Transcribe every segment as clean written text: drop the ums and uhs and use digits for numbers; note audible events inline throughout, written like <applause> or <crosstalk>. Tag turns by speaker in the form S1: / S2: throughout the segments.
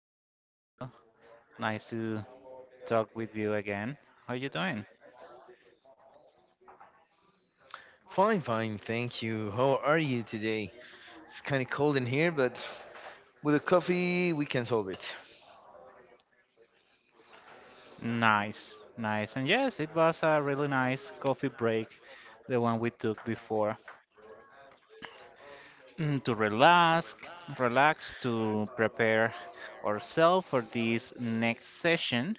S1: morning, Camilo. Nice to talk with you again. How you doing?
S2: Fine, fine, thank you. How are you today? It's kind of cold in here, but with a coffee, we can solve it.
S1: Nice, nice. And yes, it was a really nice coffee break, the one we took before, to relax, relax, to prepare ourselves for this next session.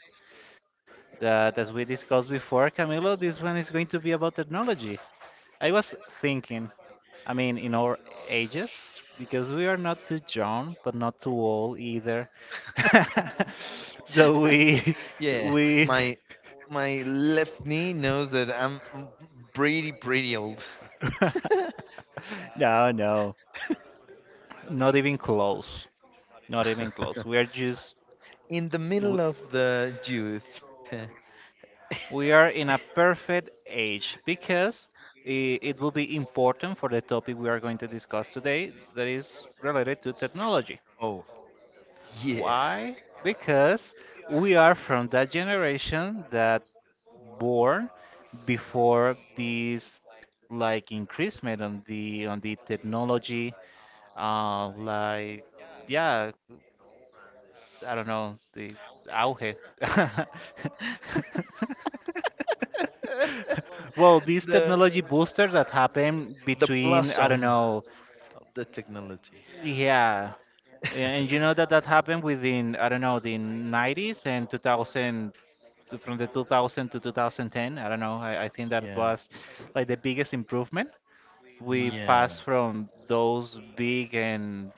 S1: That, as we discussed before, Camilo, this one is going to be about technology. I was thinking, I mean, in our ages, because we are not too young, but not too old either.
S2: <laughs>
S1: <laughs> So we,
S2: Yeah,
S1: <laughs> we,
S2: my my left knee knows that I'm pretty old. <laughs>
S1: <laughs> no, no, not even close, not even close. We are just,
S2: In the
S1: we,
S2: middle of the youth.
S1: we are in a perfect age because it will be important for the topic we are going to discuss today that is related to technology.
S2: Oh yeah,
S1: Why? Because we are from that generation that born before this like increasement on the technology, uh like yeah, I don't know, the auge. <laughs> Well,
S2: <laughs>
S1: this
S2: the
S1: technology booster that happened
S2: the
S1: between, I
S2: blossom
S1: don't know,
S2: of the technology.
S1: yeah. And you know that that happened within, I don't know, the 90s and 2000 from the 2000 to 2010. I don't know. I think
S2: <laughs>
S1: that
S2: Yeah.
S1: was like the biggest improvement. We
S2: Yeah.
S1: passed from those big and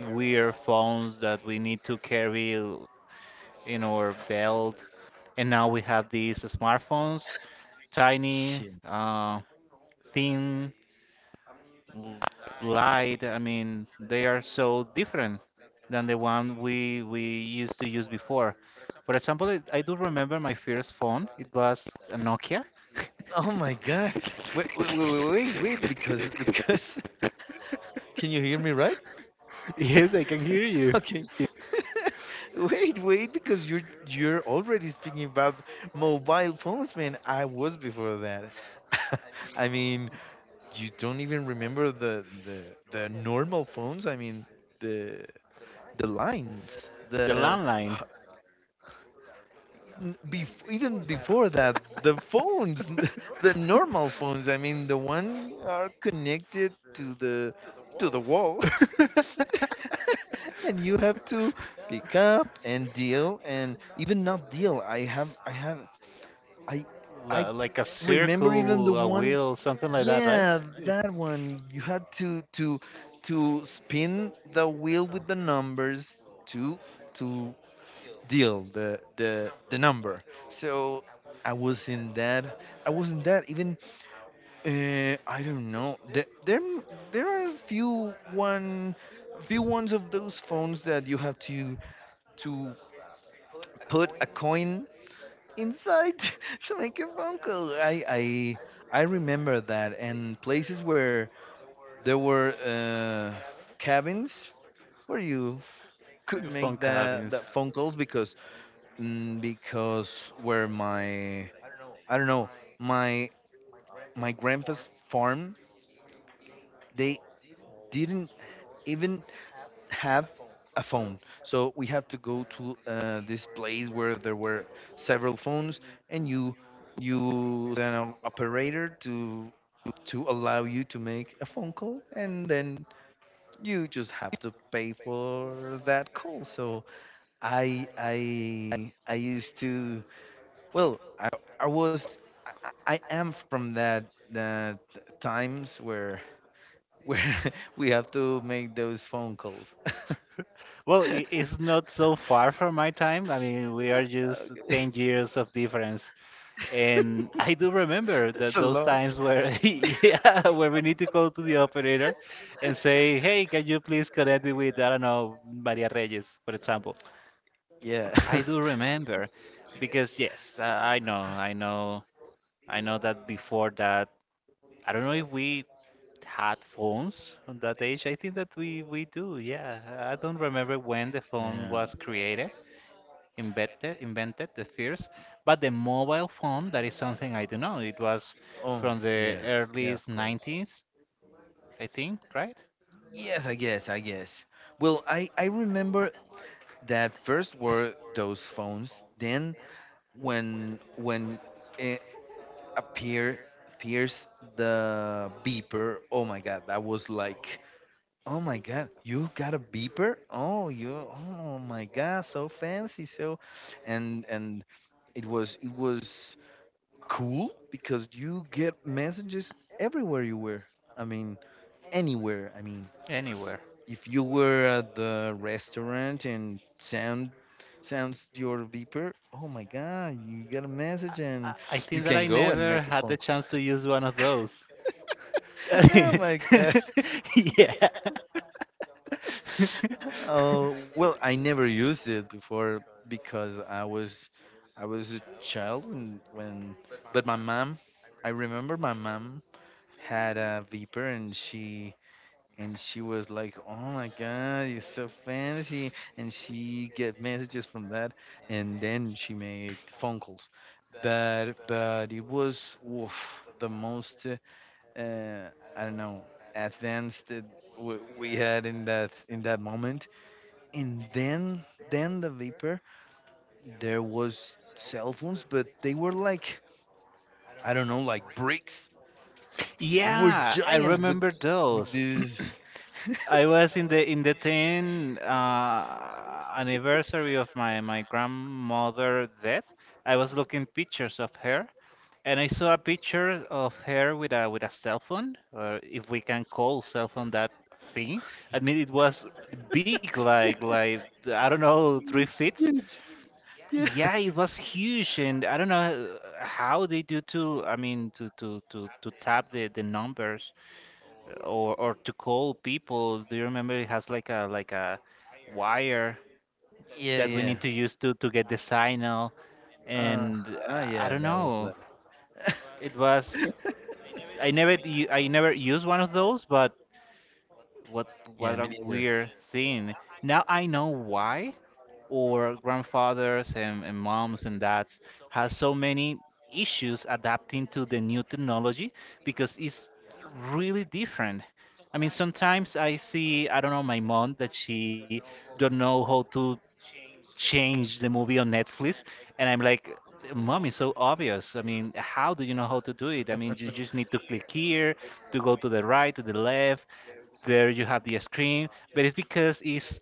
S1: weird phones that we need to carry in our belt, and now we have these smartphones, tiny,
S2: Yeah.
S1: thin, l- light. I mean, they are so different than the one we used to use before. For example, it, I do remember my first phone. It was a Nokia.
S2: Oh my God. Wait, wait, wait, wait, wait, wait, because, <laughs> can you hear me right?
S1: <laughs> Yes, I can hear
S2: <laughs>
S1: you.
S2: Okay. <laughs> Wait, wait, because you're already speaking about mobile phones, man. I was before that. <laughs> I mean, you don't even remember the normal phones. I mean the the lines.
S1: The
S2: The
S1: landline.
S2: n- bef- even before that, the phones, <laughs> the normal phones. I mean the one are connected to the wall,
S1: <laughs>
S2: <laughs> and you have to pick up and deal and even not deal. I have I have I I
S1: Like a
S2: remember even the
S1: circle, a
S2: one.
S1: wheel, something like that, right?
S2: Yeah,
S1: Yeah.
S2: that one. You had to spin the wheel with the numbers to deal the number. So I was in that. I was in that. Even I don't know. There are a few ones of those phones that you have to put a coin inside <laughs> to make a phone call. I remember that, and places where there were cabins where you could
S1: The
S2: make
S1: phone
S2: the that
S1: cabins.
S2: phone calls because because where my I don't know, my my grandpa's farm, they didn't even have a phone. So we have to go to this place where there were several phones, and you then an operator to allow you to make a phone call, and then you just have to pay for that call. So I used to, well, I was, I am from that times where <laughs> where we have to make those phone calls. <laughs> <laughs>
S1: Well,
S2: Okay.
S1: it's not so far from my time. I mean, we are just 10 years of difference. And I do remember
S2: It's
S1: that
S2: a
S1: those
S2: lot.
S1: times where, <laughs> yeah, where we need to go to the operator and say, "Hey, can you please connect me with, I don't know, Maria Reyes, for example."
S2: Yeah.
S1: I
S2: <laughs>
S1: do remember because yes, I know, I know, I know that before that, I don't know if we had phones on that age. I think that we do. Yeah, I don't remember when the phone
S2: Yeah.
S1: was created, invented the first, but the mobile phone, that is something I don't know. It was
S2: Oh,
S1: from the
S2: yeah.
S1: early
S2: Yeah, of course.
S1: 90s, I think, right?
S2: Yes, I guess, I guess. Well, I remember that first were those phones. Then when it appear appears the beeper. Oh my God, that was like, oh my God, you got a beeper? Oh, you, oh my God, so fancy. So and it was cool because you get messages everywhere you were. I mean, anywhere. I mean,
S1: Anywhere.
S2: if you were at the restaurant and sounds your beeper, oh my God, you got a
S1: I,
S2: message, and
S1: I think
S2: you
S1: that I
S2: can go
S1: never
S2: and make a
S1: had the
S2: phone call.
S1: chance to use one of those.
S2: <laughs> Oh my
S1: <laughs> yeah. <laughs>
S2: Oh well, I never used it before because I was a child when but my mom, I remember my mom had a Viper, and she was like, "Oh my God, you're so fancy." And she get messages from that and then she made phone calls. But it was, oof, the most I don't know, advanced that we had in that moment, and then the vapor, there was cell phones, but they were like, I don't know, like bricks. They were
S1: Yeah, I
S2: giant with
S1: remember those.
S2: this. <laughs>
S1: I was in the 10 anniversary of my grandmother death. I was looking pictures of her, and I saw a picture of her with a cell phone, or if we can call cell phone that thing. I mean, it was big, like I don't know, three feet.
S2: Huge. Yeah,
S1: Yeah, it was huge, and I don't know how they do to. I mean, to tap the numbers or to call people. Do you remember it has like a wire
S2: yeah,
S1: that we
S2: yeah.
S1: need to use to get the signal?
S2: uh
S1: And I
S2: yeah,
S1: don't
S2: that was
S1: know.
S2: that.
S1: It was I never used one of those, but What
S2: <laughs> Yeah,
S1: what a
S2: me neither.
S1: weird thing. Now I know why our grandfathers and moms and dads have so many issues adapting to the new technology because it's really different. I mean, sometimes I see, I don't know, my mom that she don't know how to change the movie on Netflix, and I'm like, Mom, it's so obvious. I mean, how do you know how to do it? I mean, you just need to click here, to go to the right, to the left, there you have the screen, but it's because it's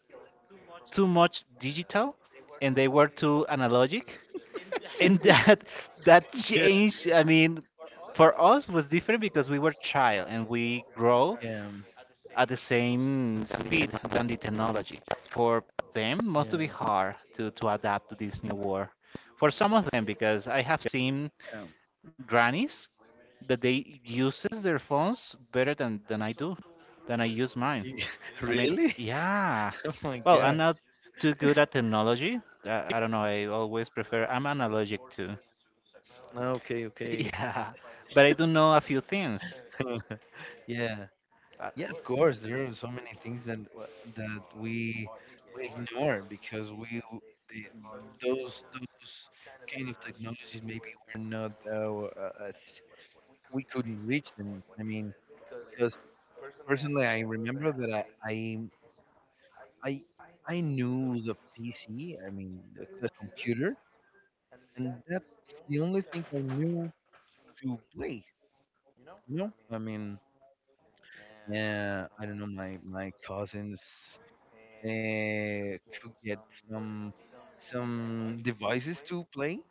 S1: too much digital and they were too analogic. And that <laughs> that
S2: <laughs> Yeah,
S1: changed, I mean, for us was different because we were child and we grow
S2: yeah,
S1: at the same speed than the technology. For them, must
S2: yeah,
S1: be hard to adapt to this new world. For some of them, because I have seen
S2: um,
S1: grannies that they uses their phones better than I do, than I use mine.
S2: <laughs>
S1: I mean,
S2: really.
S1: yeah.
S2: <laughs> Oh my
S1: Well, I'm
S2: god.
S1: not too good at technology. I don't know. I always prefer. I'm analogic too. <laughs>
S2: No, okay, okay.
S1: Yeah, but I do know a few things.
S2: <laughs> Yeah.
S1: Uh,
S2: Yeah, of course, there are so many things that that we we ignore because the, those kind of technologies maybe were not we couldn't reach them. I mean, because personally, I remember that I, I knew the PC, I mean the computer, and that's the only thing I knew to play. You know, I mean, yeah, I don't know, my cousins could get some some devices to play,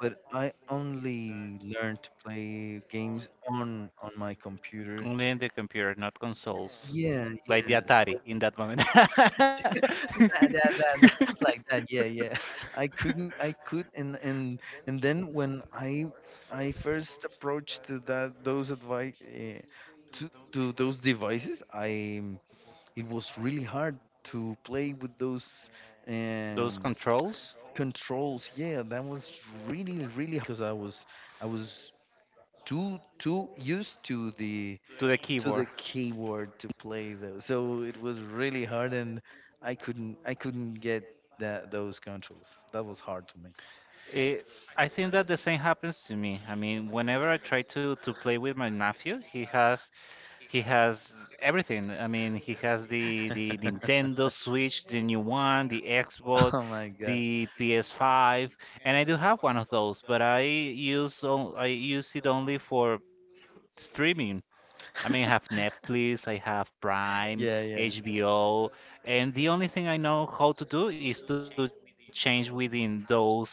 S2: but I only learned to play games on my computer.
S1: Only in the computer, not consoles.
S2: Yeah,
S1: Like the
S2: yeah.
S1: Atari
S2: So
S1: in that moment.
S2: <laughs> that, that, that, that, <laughs> like
S1: <laughs>
S2: that. Yeah, yeah. I couldn't. I could. And then when I first approached to that those advice to those devices, I it was really hard to play with those.
S1: Those
S2: Um,
S1: controls
S2: controls yeah, that was really really because I was too used to the
S1: to the
S2: to
S1: keyboard.
S2: the keyboard to play those, so it was really hard, and I couldn't get that those controls. That was hard to me.
S1: Eh, I think that the same happens to me. I mean, whenever I try to play with my nephew, he has everything. I mean, he has the Nintendo Switch, the new one, the
S2: <laughs>
S1: Xbox,
S2: Oh my god.
S1: the PS5, and I do have one of those, but I use I use it only for streaming. I mean, I have
S2: <laughs>
S1: Netflix, I have Prime,
S2: Yeah, yeah,
S1: HBO, and the only thing I know how to do is to change within those apps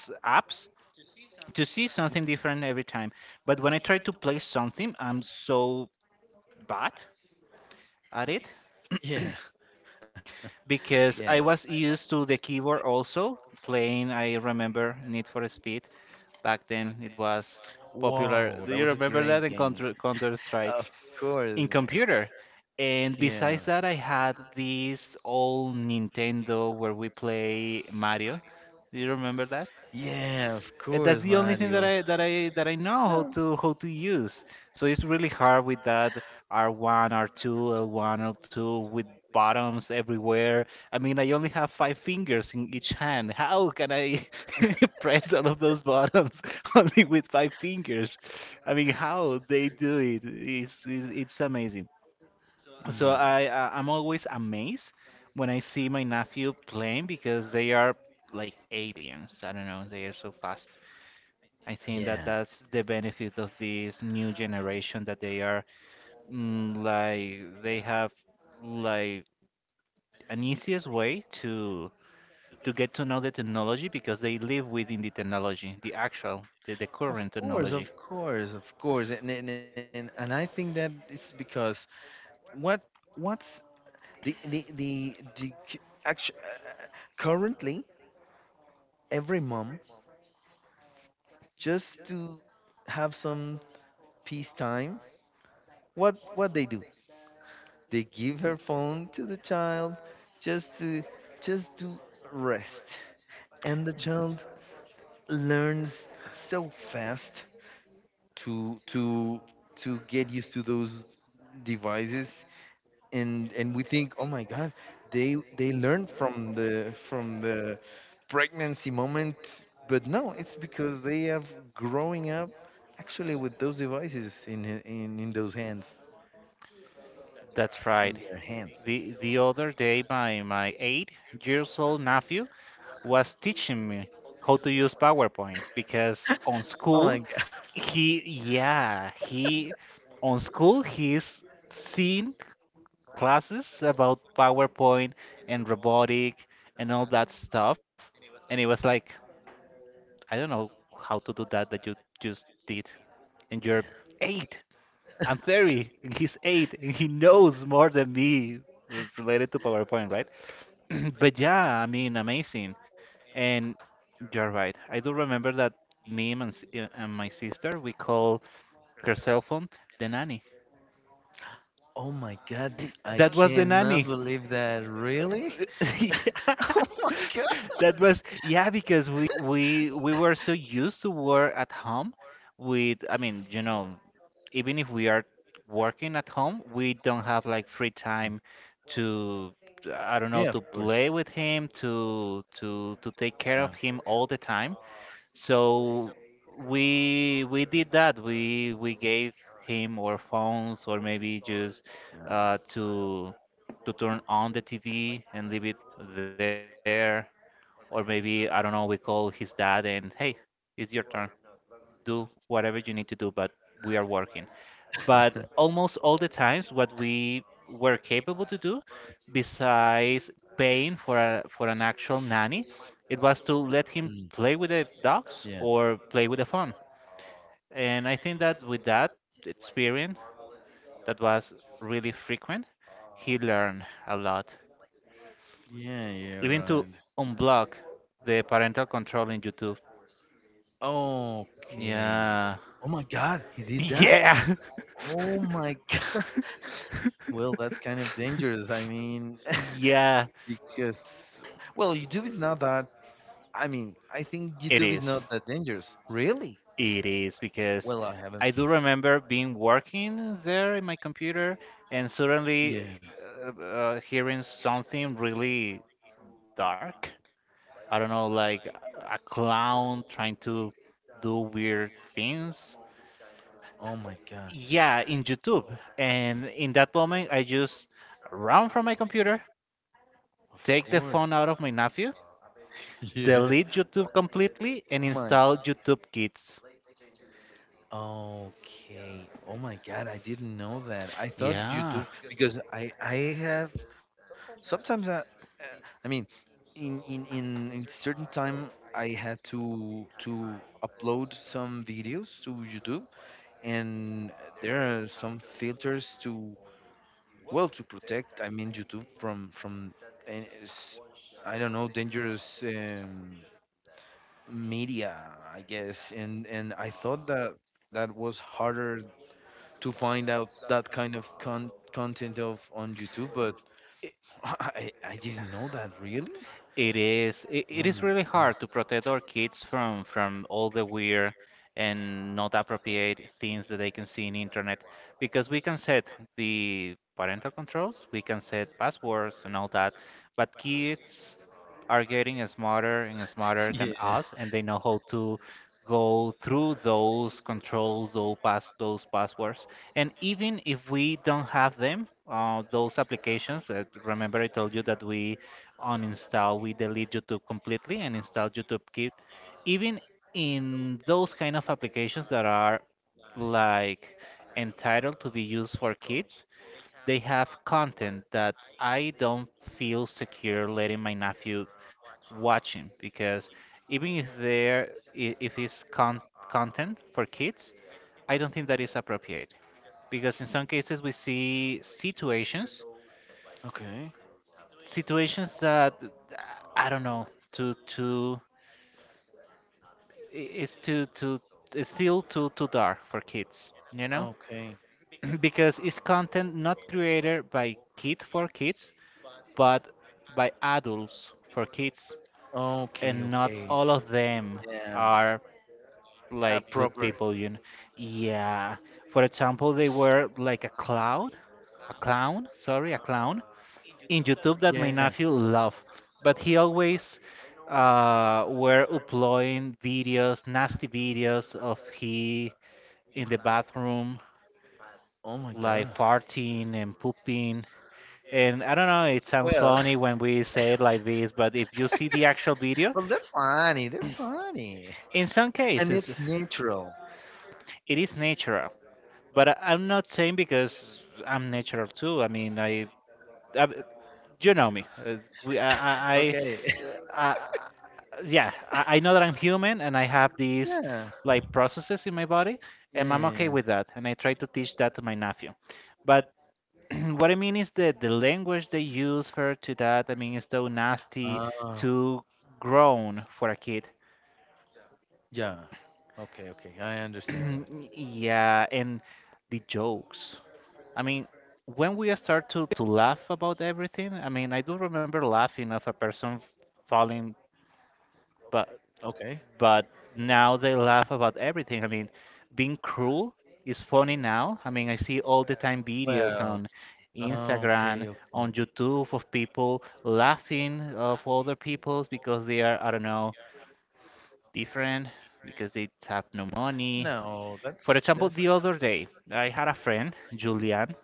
S1: to see something different every time. But when I try to play something, I'm so bad at it
S2: yeah.
S1: <clears throat> because I was used to the keyboard also playing. I remember Need for Speed back then. It was
S2: Whoa,
S1: popular. Do you remember that in Counter
S2: <laughs> system,
S1: Strike
S2: course.
S1: in
S2: The
S1: computer? And besides that, I had this old Nintendo where we play Mario. Do you remember
S2: Yeah, of course. That's the only
S1: That's the only thing that
S2: Mario.
S1: I know how to use. So it's really hard with that R1, R2, L1, L2 with buttons everywhere. I mean, I only have five fingers in each hand. How can I <laughs> press all of those buttons <laughs> only with five fingers? I mean, how they do it is it's amazing. So
S2: um,
S1: I I'm always amazed when I see my nephew playing because they are like aliens. I don't know, they are so fast. I think that
S2: something
S1: that's the benefit of this new generation that they are like they have like an easiest way to get to know the technology because they live within the technology, the actual, the
S2: of
S1: current
S2: that course,
S1: technology.
S2: of course, of course, and I think that it's because, what, what's the actually, currently, every mom, just to have some peace time. What they do? They give her phone to the child, just to just to rest, and the child learns so fast to to to get used to those devices, and we think, oh my god, they learned from the pregnancy moment, but no, it's because they are growing up actually with those devices in those hands
S1: That's right.
S2: in their hands.
S1: The other day my 8 years old nephew was teaching me how to use PowerPoint because on
S2: Oh
S1: school
S2: my god.
S1: he yeah, he on school he's seen classes about PowerPoint and robotic and all that stuff. And it was like, I don't know how to do that you just did. And you're eight. I'm 30, and he's eight, and he knows more than me related to PowerPoint, right? <clears throat> But yeah, I mean, amazing. And you're right. I do remember that meme and my sister, we call her cell phone the nanny.
S2: Oh my god, I
S1: That was the
S2: cannot
S1: nanny.
S2: believe that, really.
S1: <laughs> Yeah.
S2: <laughs> Oh my god.
S1: That was yeah, because we were so used to work at home with I mean, you know, even if we are working at home, we don't have like free time to I don't know,
S2: Yeah,
S1: to
S2: of course.
S1: play with him, to take
S2: Yeah,
S1: care of him all the time. So we did that. We gave him our phones or maybe just uh, to to turn on the TV and leave it there. Or maybe I don't know. We call his dad and hey, it's your turn. Do whatever you need to do, but we are working.
S2: yeah. <laughs>
S1: But almost all the times, what we were capable to do, besides paying for a for an actual nanny, it was to let
S2: Mm,
S1: him play with the
S2: yeah,
S1: dogs or play with the phone. And I think that with that experience, that was really frequent, he learned a lot.
S2: yeah, yeah,
S1: Even to
S2: right.
S1: unblock the parental control in YouTube.
S2: Okay.
S1: Yeah.
S2: Oh my God, he did that?
S1: Yeah.
S2: Oh my <laughs> God. Well, that's kind of dangerous. I mean,
S1: <laughs> Yeah.
S2: <laughs> because, well, YouTube is not that. I mean, I think
S1: It
S2: YouTube is
S1: is.
S2: not that dangerous. Really?
S1: It is because
S2: Well, I
S1: I
S2: haven't.
S1: do remember being working there in my computer and
S2: Yeah.
S1: suddenly hearing something really dark. I don't know, like a clown trying to do weird things.
S2: Oh my God.
S1: Yeah, in YouTube. And in that moment, I just ran from my computer,
S2: Of
S1: take the
S2: course. <laughs>
S1: phone out of my nephew,
S2: Yeah.
S1: delete YouTube completely, and
S2: My.
S1: install YouTube Kids.
S2: Okay. Oh my God, I didn't know that. I thought YouTube
S1: Yeah.
S2: because I have sometimes I mean in certain time I had to upload some videos to YouTube, and there are some filters to well, to protect, I mean, YouTube from and it's- I don't know, dangerous, media, I guess. And I thought that was harder to find out that kind of content of on YouTube, but <laughs> I didn't know that really.
S1: It
S2: Oh
S1: is
S2: my
S1: really
S2: god.
S1: hard to
S2: <laughs>
S1: protect our kids from all the weird and not appropriate things that they can see in internet because we can set the parental controls, we can set passwords and all that, but kids are getting smarter and smarter than
S2: Yeah.
S1: us and they know how to go through those controls, those passwords. And even if we don't have them, those applications, remember I told you that we uninstall, we delete YouTube completely and install YouTube Kit, even in those kind of applications that are like entitled to be used for kids, they have content that I don't feel secure letting my nephew watching because even if if it's content for kids, I don't think that is appropriate because in some cases we see situations
S2: Okay.
S1: situations that I don't know to to it's too too it's still too dark for kids, you know?
S2: Okay.
S1: <clears throat> Because it's content not created by kid for kids, but by adults for kids,
S2: Okay.
S1: and not
S2: Okay.
S1: all of them
S2: Yeah.
S1: are
S2: Uh,
S1: like good
S2: proper.
S1: people, you know. Yeah. For example, they were like a cloud, a clown, sorry, a clown in YouTube that
S2: Yeah.
S1: my nephew love, but he always were uploading videos, nasty videos of he in the bathroom,
S2: Oh my god.
S1: like farting and pooping. And I don't know, it sounds
S2: Well, <laughs>
S1: funny when we say it like this, but if you see the actual
S2: well,
S1: video,
S2: that's funny. That's funny,
S1: in some
S2: <laughs> and it's
S1: cases
S2: natural.
S1: it is natural. But I'm not saying because I'm natural too. I mean, I you know me. As we,
S2: <laughs> Okay.
S1: uh, I, yeah, I know that I'm human and I have
S2: <laughs>
S1: these
S2: Yeah.
S1: like processes in my body,
S2: Yeah. Yeah.
S1: and I'm
S2: Yeah.
S1: okay with that. And I try to teach that to my nephew. But <clears throat> what I mean is that the language they use for to that, I mean, is so nasty,
S2: Ah.
S1: too grown for a kid.
S2: Yeah. Okay. Okay. I understand that.
S1: <clears throat> Yeah, and the jokes. I mean, when we start to laugh about everything, I mean, I do remember laughing of a person falling, but
S2: Okay.
S1: but now they laugh about everything. I mean, being cruel is funny now. I mean, I see all the time videos
S2: Well.
S1: on
S2: Oh,
S1: Instagram,
S2: okay, okay.
S1: on YouTube of people laughing of other people's because they are, I don't know, different, because they have no money.
S2: No, that's
S1: For
S2: that's
S1: example, the other day, I had a friend, Julian,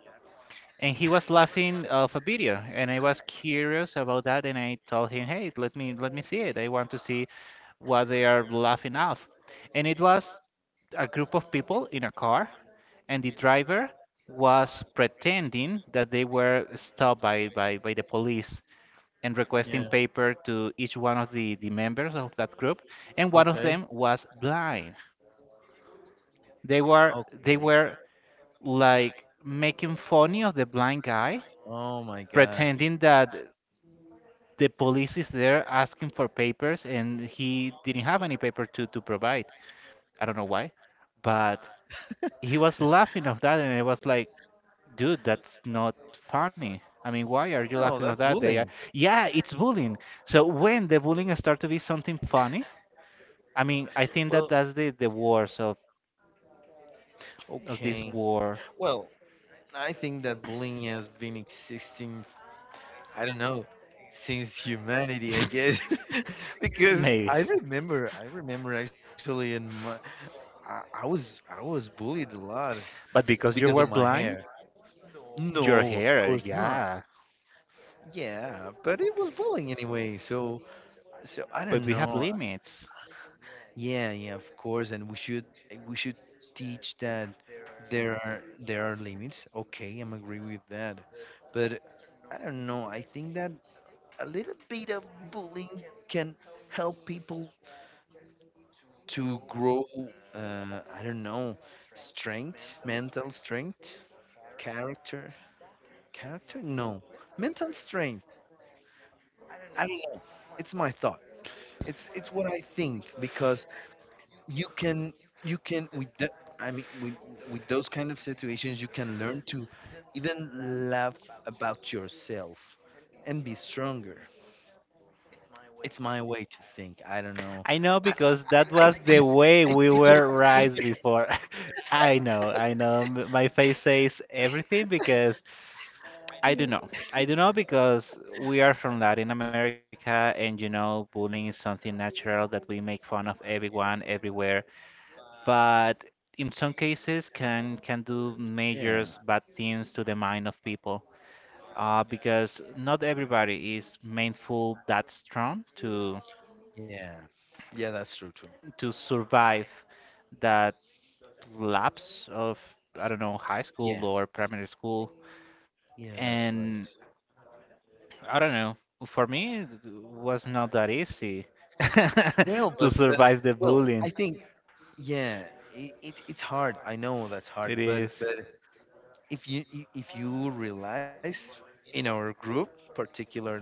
S1: and he was laughing of a video, and I was curious about that, and I told him, "Hey, let me see it. I want to see what they are laughing of." And it was a group of people in a car, and the driver was pretending that they were stopped by, the police and
S2: yeah.
S1: requesting paper to each one of the members of that group, and one of
S2: Okay,
S1: them was blind. they were they
S2: okay.
S1: were like making funny of the blind guy,
S2: Oh my God.
S1: pretending that the police is there asking for papers and he didn't have any paper to provide. I don't know why, but he was laughing
S2: <laughs>
S1: of that and I was like, dude, that's not funny. I mean, why are you
S2: No,
S1: laughing
S2: that's
S1: of that? They
S2: bullying.
S1: are, yeah, it's bullying. So when the bullying start to be something funny, I mean, I think that
S2: Well,
S1: that's the worst of this
S2: okay.
S1: war.
S2: Well, I think that bullying has been existing, I don't know, since humanity, I guess.
S1: <laughs>
S2: <laughs> Because
S1: Maybe.
S2: I remember actually in my, I was bullied a lot
S1: But because you
S2: because of
S1: were
S2: my hair.
S1: blind, your
S2: No, of course
S1: hair,
S2: not.
S1: yeah.
S2: Yeah, but it was bullying anyway. So, I don't
S1: We have
S2: know.
S1: limits.
S2: Yeah, yeah, of course. And we should teach that there are limits. Okay, I'm agree with that. But I don't know. I think that a little bit of bullying can help people to grow. I don't know, strength, mental strength, character, character. No, mental strength. I don't know. It's my thought. It's what I think, because you can you can with the, I mean, with those kind of situations, you can learn to even laugh about yourself and be stronger. It's my way to think. I don't know.
S1: I
S2: I,
S1: know
S2: I
S1: because that was
S2: see
S1: the
S2: I
S1: way
S2: see
S1: we
S2: you.
S1: were raised before. <laughs> I know, I know. My face says everything because
S2: I see
S1: I
S2: you.
S1: don't know. I don't know because we are from Latin America and you know, bullying is something natural that we make fun of everyone, everywhere. But in some cases, can do
S2: Yeah.
S1: major bad things to the mind of people. Because not everybody is mindful that strong
S2: Yeah. Yeah, that's true too.
S1: to survive that lapse of I don't know high
S2: Yeah.
S1: school or primary school,
S2: Yeah, that's right.
S1: and I don't know. For me, it was not that easy <laughs>
S2: Well, but
S1: to survive the
S2: well, I
S1: bullying.
S2: think, yeah, it's hard. I know that's hard,
S1: It
S2: but
S1: is.
S2: but if you, if you realize, in our group particularly,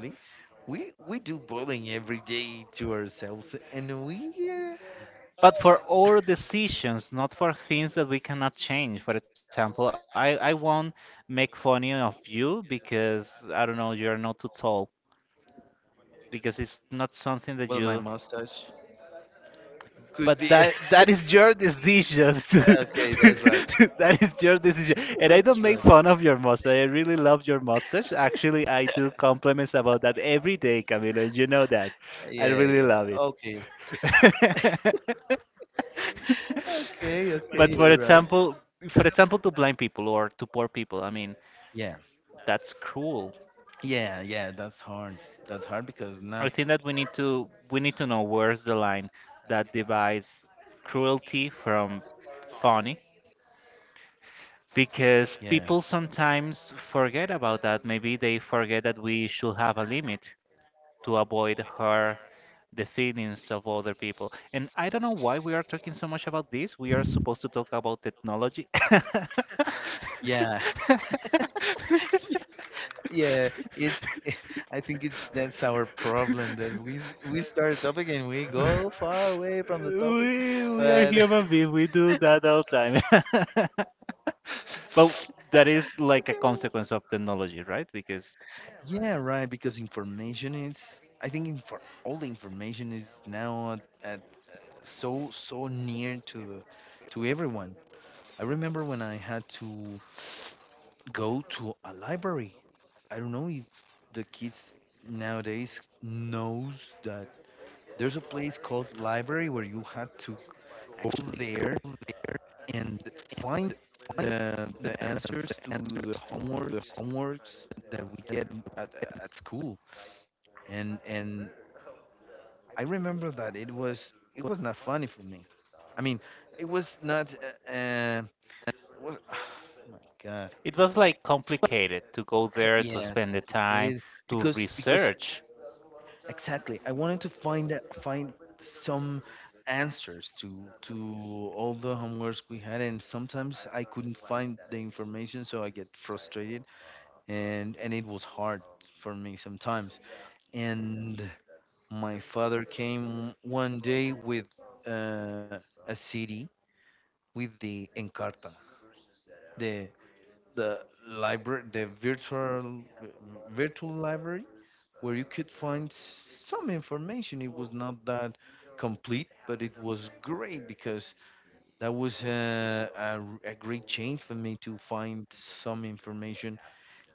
S2: we do bullying every day to ourselves, and we
S1: But for our decisions, not for things that we cannot change. For example, I won't make funny of you because I don't know, you're not too tall. Because it's not something that
S2: well,
S1: you
S2: my mustache could
S1: but
S2: be.
S1: that that is your decision
S2: <laughs> Well,
S1: <laughs>
S2: okay, that's right.
S1: that is your decision and
S2: <laughs>
S1: I don't
S2: That's
S1: make
S2: right.
S1: fun of your mustache. I really love your mustache, actually. I do compliments about that every day, Camilo, you know that. I
S2: Yeah,
S1: really
S2: yeah,
S1: love it.
S2: okay, okay,
S1: <laughs> But
S2: okay,
S1: for
S2: you're right.
S1: example, for example to blind people or to poor people, I mean,
S2: Yeah,
S1: that's cruel.
S2: yeah, yeah, that's hard, because
S1: I
S2: not.
S1: think that we need to know where's the line that divides cruelty from funny, because
S2: Yeah,
S1: people sometimes forget about that. Maybe they forget that we should have a limit to avoid hurt the feelings of other people. And I don't know why we are talking so much about this. We are supposed to talk about technology. <laughs>
S2: yeah, yeah, it's. <laughs> I think it that's our problem, that we start a topic and we go far away from the topic,
S1: We are
S2: but
S1: human beings, we do that all the time. <laughs> But that is
S2: <laughs> okay,
S1: like a consequence of technology, right? Because
S2: yeah, right, because information is, I think, infor all the information is now at so near to everyone. I remember when I had to go to a library. I don't know if the kids nowadays knows that there's a place called library where you had to go there and find the answers to the homeworks that we get at, at school. And I remember that it was not funny for me. I mean, it was not. Uh, uh, it was, <sighs> oh my God.
S1: it was like complicated to go there, to
S2: Yeah,
S1: spend the time,
S2: complicated
S1: to
S2: because.
S1: research.
S2: Exactly. I wanted to find some answers to all the homeworks we had, and sometimes I couldn't find the information, so I get frustrated, and it was hard for me sometimes. And my father came one day with uh, a CD with the Encarta, the the library, the virtual library where you could find some information. It was not that complete, but it was great because that was a great change for me to find some information.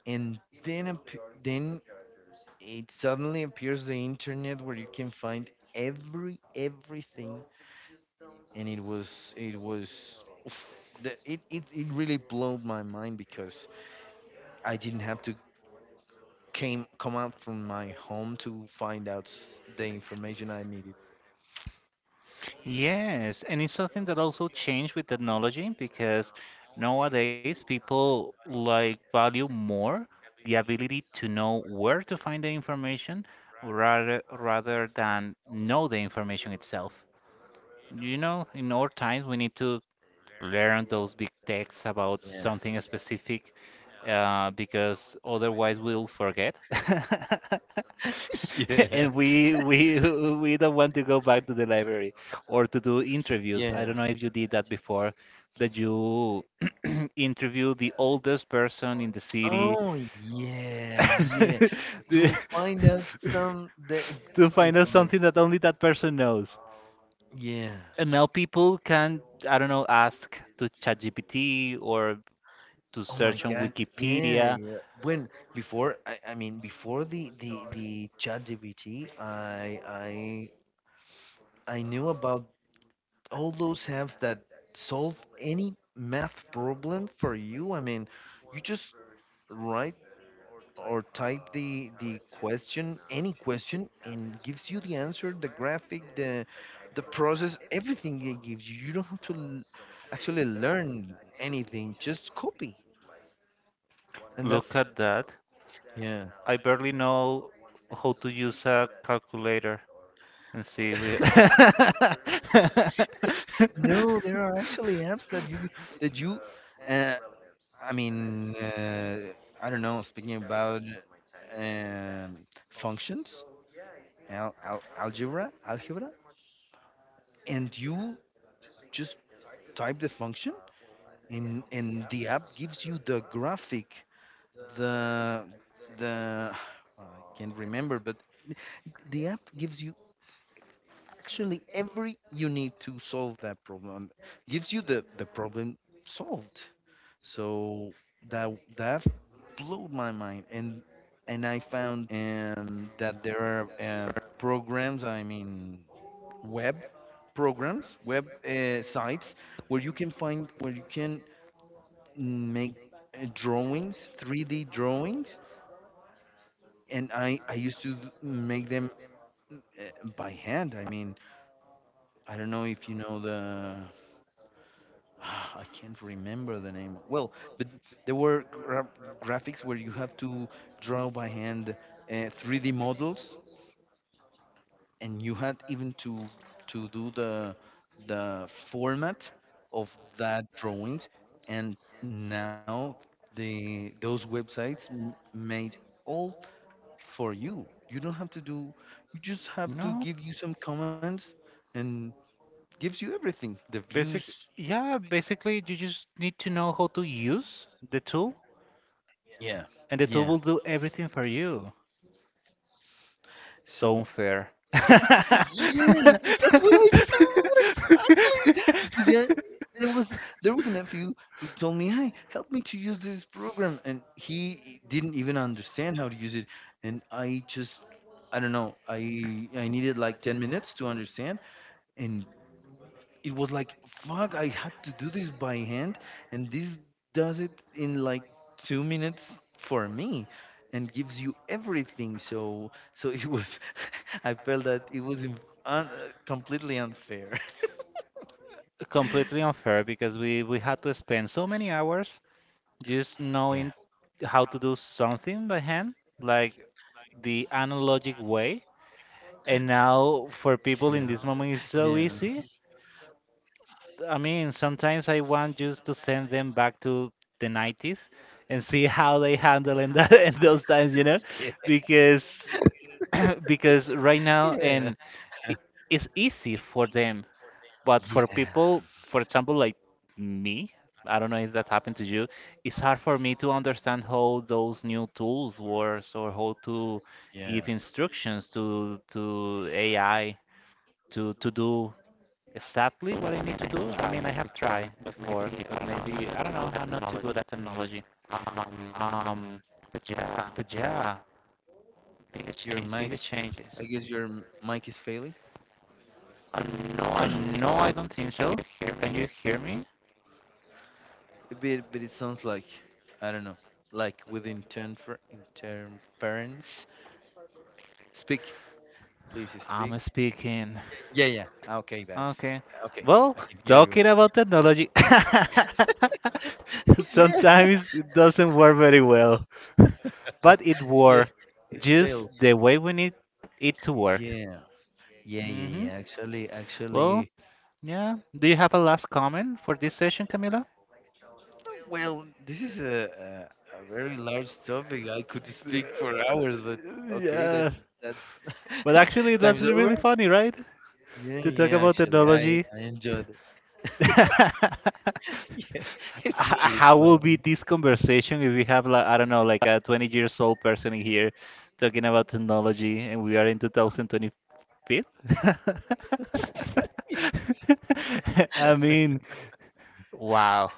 S2: And then, then it suddenly appears the internet where you can find everything, and it was it was. Oof, the, it really blew my mind because I didn't have to came come out from my home to find out the information I needed.
S1: Yes, and it's something that also changed with technology because nowadays people like value more the ability to know where to find the information rather than know the information itself. You know, in our times we need to learn those big texts about
S2: Yeah.
S1: something specific, because otherwise we'll forget. <laughs>
S2: <laughs> Yeah.
S1: And we don't want to go back to the library or to do interviews. I don't
S2: Yeah.
S1: know if you did that before, that you <clears throat> interview the oldest person in the city
S2: Oh, yeah,
S1: <laughs>
S2: yeah.
S1: the-
S2: To find out some
S1: <laughs> to
S2: the
S1: find out something
S2: information.
S1: that only that person knows.
S2: Yeah.
S1: And now people can, I don't know, ask to ChatGPT or to
S2: Oh my
S1: search on
S2: God. Yeah,
S1: Wikipedia.
S2: yeah. When before I mean before the ChatGPT, I I knew about all those apps that solve any math problem for you. I mean, you just write or type the question any question and gives you the answer, the graphic, the process, everything it gives you. You don't have to actually learn anything, just copy, and
S1: Look
S2: that's
S1: at that.
S2: yeah.
S1: I barely know how to use a calculator and see. <laughs>
S2: No, there are actually apps that you, uh, I mean, I don't know, speaking about um, functions, algebra, and you just type the function, and the app gives you the graphic, the the I can't remember, but the app gives you actually every you need to solve that problem, gives you the problem solved. So that that blew my mind, and I found that there are programs, I mean web programs, web sites where you can find, where you can make drawings, 3D drawings, and I used to make them by hand. I mean, I don't know if you know the <sighs> I can't remember the name. Well, but there were graphics where you have to draw by hand 3D models, and you had even to do the format of that drawings. And now the those websites m made all for you. You don't have to do, you just have
S1: No,
S2: to give you some comments, and gives you everything, the views.
S1: basic, yeah, basically you just need to know how to use the tool
S2: Yeah,
S1: and the
S2: yeah.
S1: tool will do everything for you. So
S2: So,
S1: unfair. <laughs>
S2: yeah, that's what I thought exactly. Because yeah, there was there was a nephew who told me, "Hey, help me to use this program," and he didn't even understand how to use it, and I just I don't know. I needed like 10 minutes to understand, and it was like, fuck, I had to do this by hand, and this does it in like 2 minutes for me and gives you everything. So so it was <laughs> I felt that it was completely unfair.
S1: Completely unfair because we had to spend so many hours just
S2: <laughs>
S1: knowing
S2: Yeah,
S1: how to do something by hand, like the analogic way. And
S2: yeah,
S1: now for
S2: yeah,
S1: people in this moment it's so easy. I mean, sometimes I want just to send them back to the 90s and see how they handle in that <laughs> in those
S2: yeah,
S1: times, you know, because <clears throat>
S2: yeah,
S1: because right
S2: yeah,
S1: now and i- it's easy for them, but for people, for example, like me, I don't know if that happened to you, it's hard for me to understand how those new tools works or how to
S2: yeah.
S1: give instructions to AI to do exactly what I need to do. I mean, I have tried before, but maybe I don't know. I'm not too good at technology. Um, um, but yeah, biggest
S2: Your
S1: changes.
S2: mic,
S1: Biggest
S2: I
S1: changes.
S2: guess your mic is failing.
S1: Uh, no, I no, I don't think so. Can you hear me?
S2: But it sounds like, I don't know, like with interference. Speak, please speak.
S1: I'm speaking.
S2: Yeah, yeah. Ah, okay, that's
S1: Okay.
S2: okay.
S1: Well,
S2: I can hear you.
S1: talking about technology, <laughs>
S2: <laughs> Yeah,
S1: sometimes it doesn't work very well, but it
S2: yeah.
S1: worked
S2: It
S1: just
S2: fails.
S1: the way we need it to work.
S2: Yeah, yeah, yeah, yeah.
S1: Hmm.
S2: Actually,
S1: Well, yeah. Do you have a last comment for this session, Camila?
S2: well, this is a very large topic. I could speak for hours, but
S1: <laughs>
S2: okay,
S1: Yeah.
S2: that's
S1: But actually, it
S2: <laughs>
S1: was
S2: time's over.
S1: really funny, right?
S2: Yeah,
S1: To talk
S2: yeah.
S1: about
S2: Actually, I
S1: technology.
S2: I enjoyed it.
S1: <laughs> H-
S2: <laughs> Yeah, it's really
S1: How will
S2: funny.
S1: be this conversation if we have like I don't know, like a 20 years old person in here talking about technology, and we are in 2025? <laughs> I mean, wow.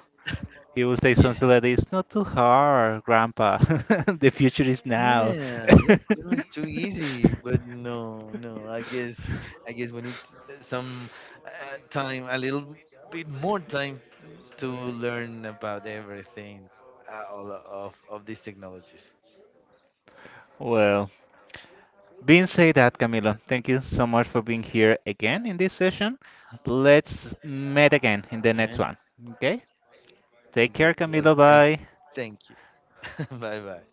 S1: He will say
S2: Yeah.
S1: something like, "It's not too hard, Grandpa. <laughs> The future is now."
S2: Yeah, yeah,
S1: <laughs>
S2: for them it's too easy, but no, no. I guess we need some time, a little bit more time to learn about everything, all of these technologies.
S1: Well, being said that, Camilo, thank you so much for being here again in this session. Let's meet again in the
S2: Yeah,
S1: next one. Okay? Take care,
S2: great.
S1: Camilo.
S2: Thank
S1: Bye.
S2: you, thank you. <laughs> Bye bye.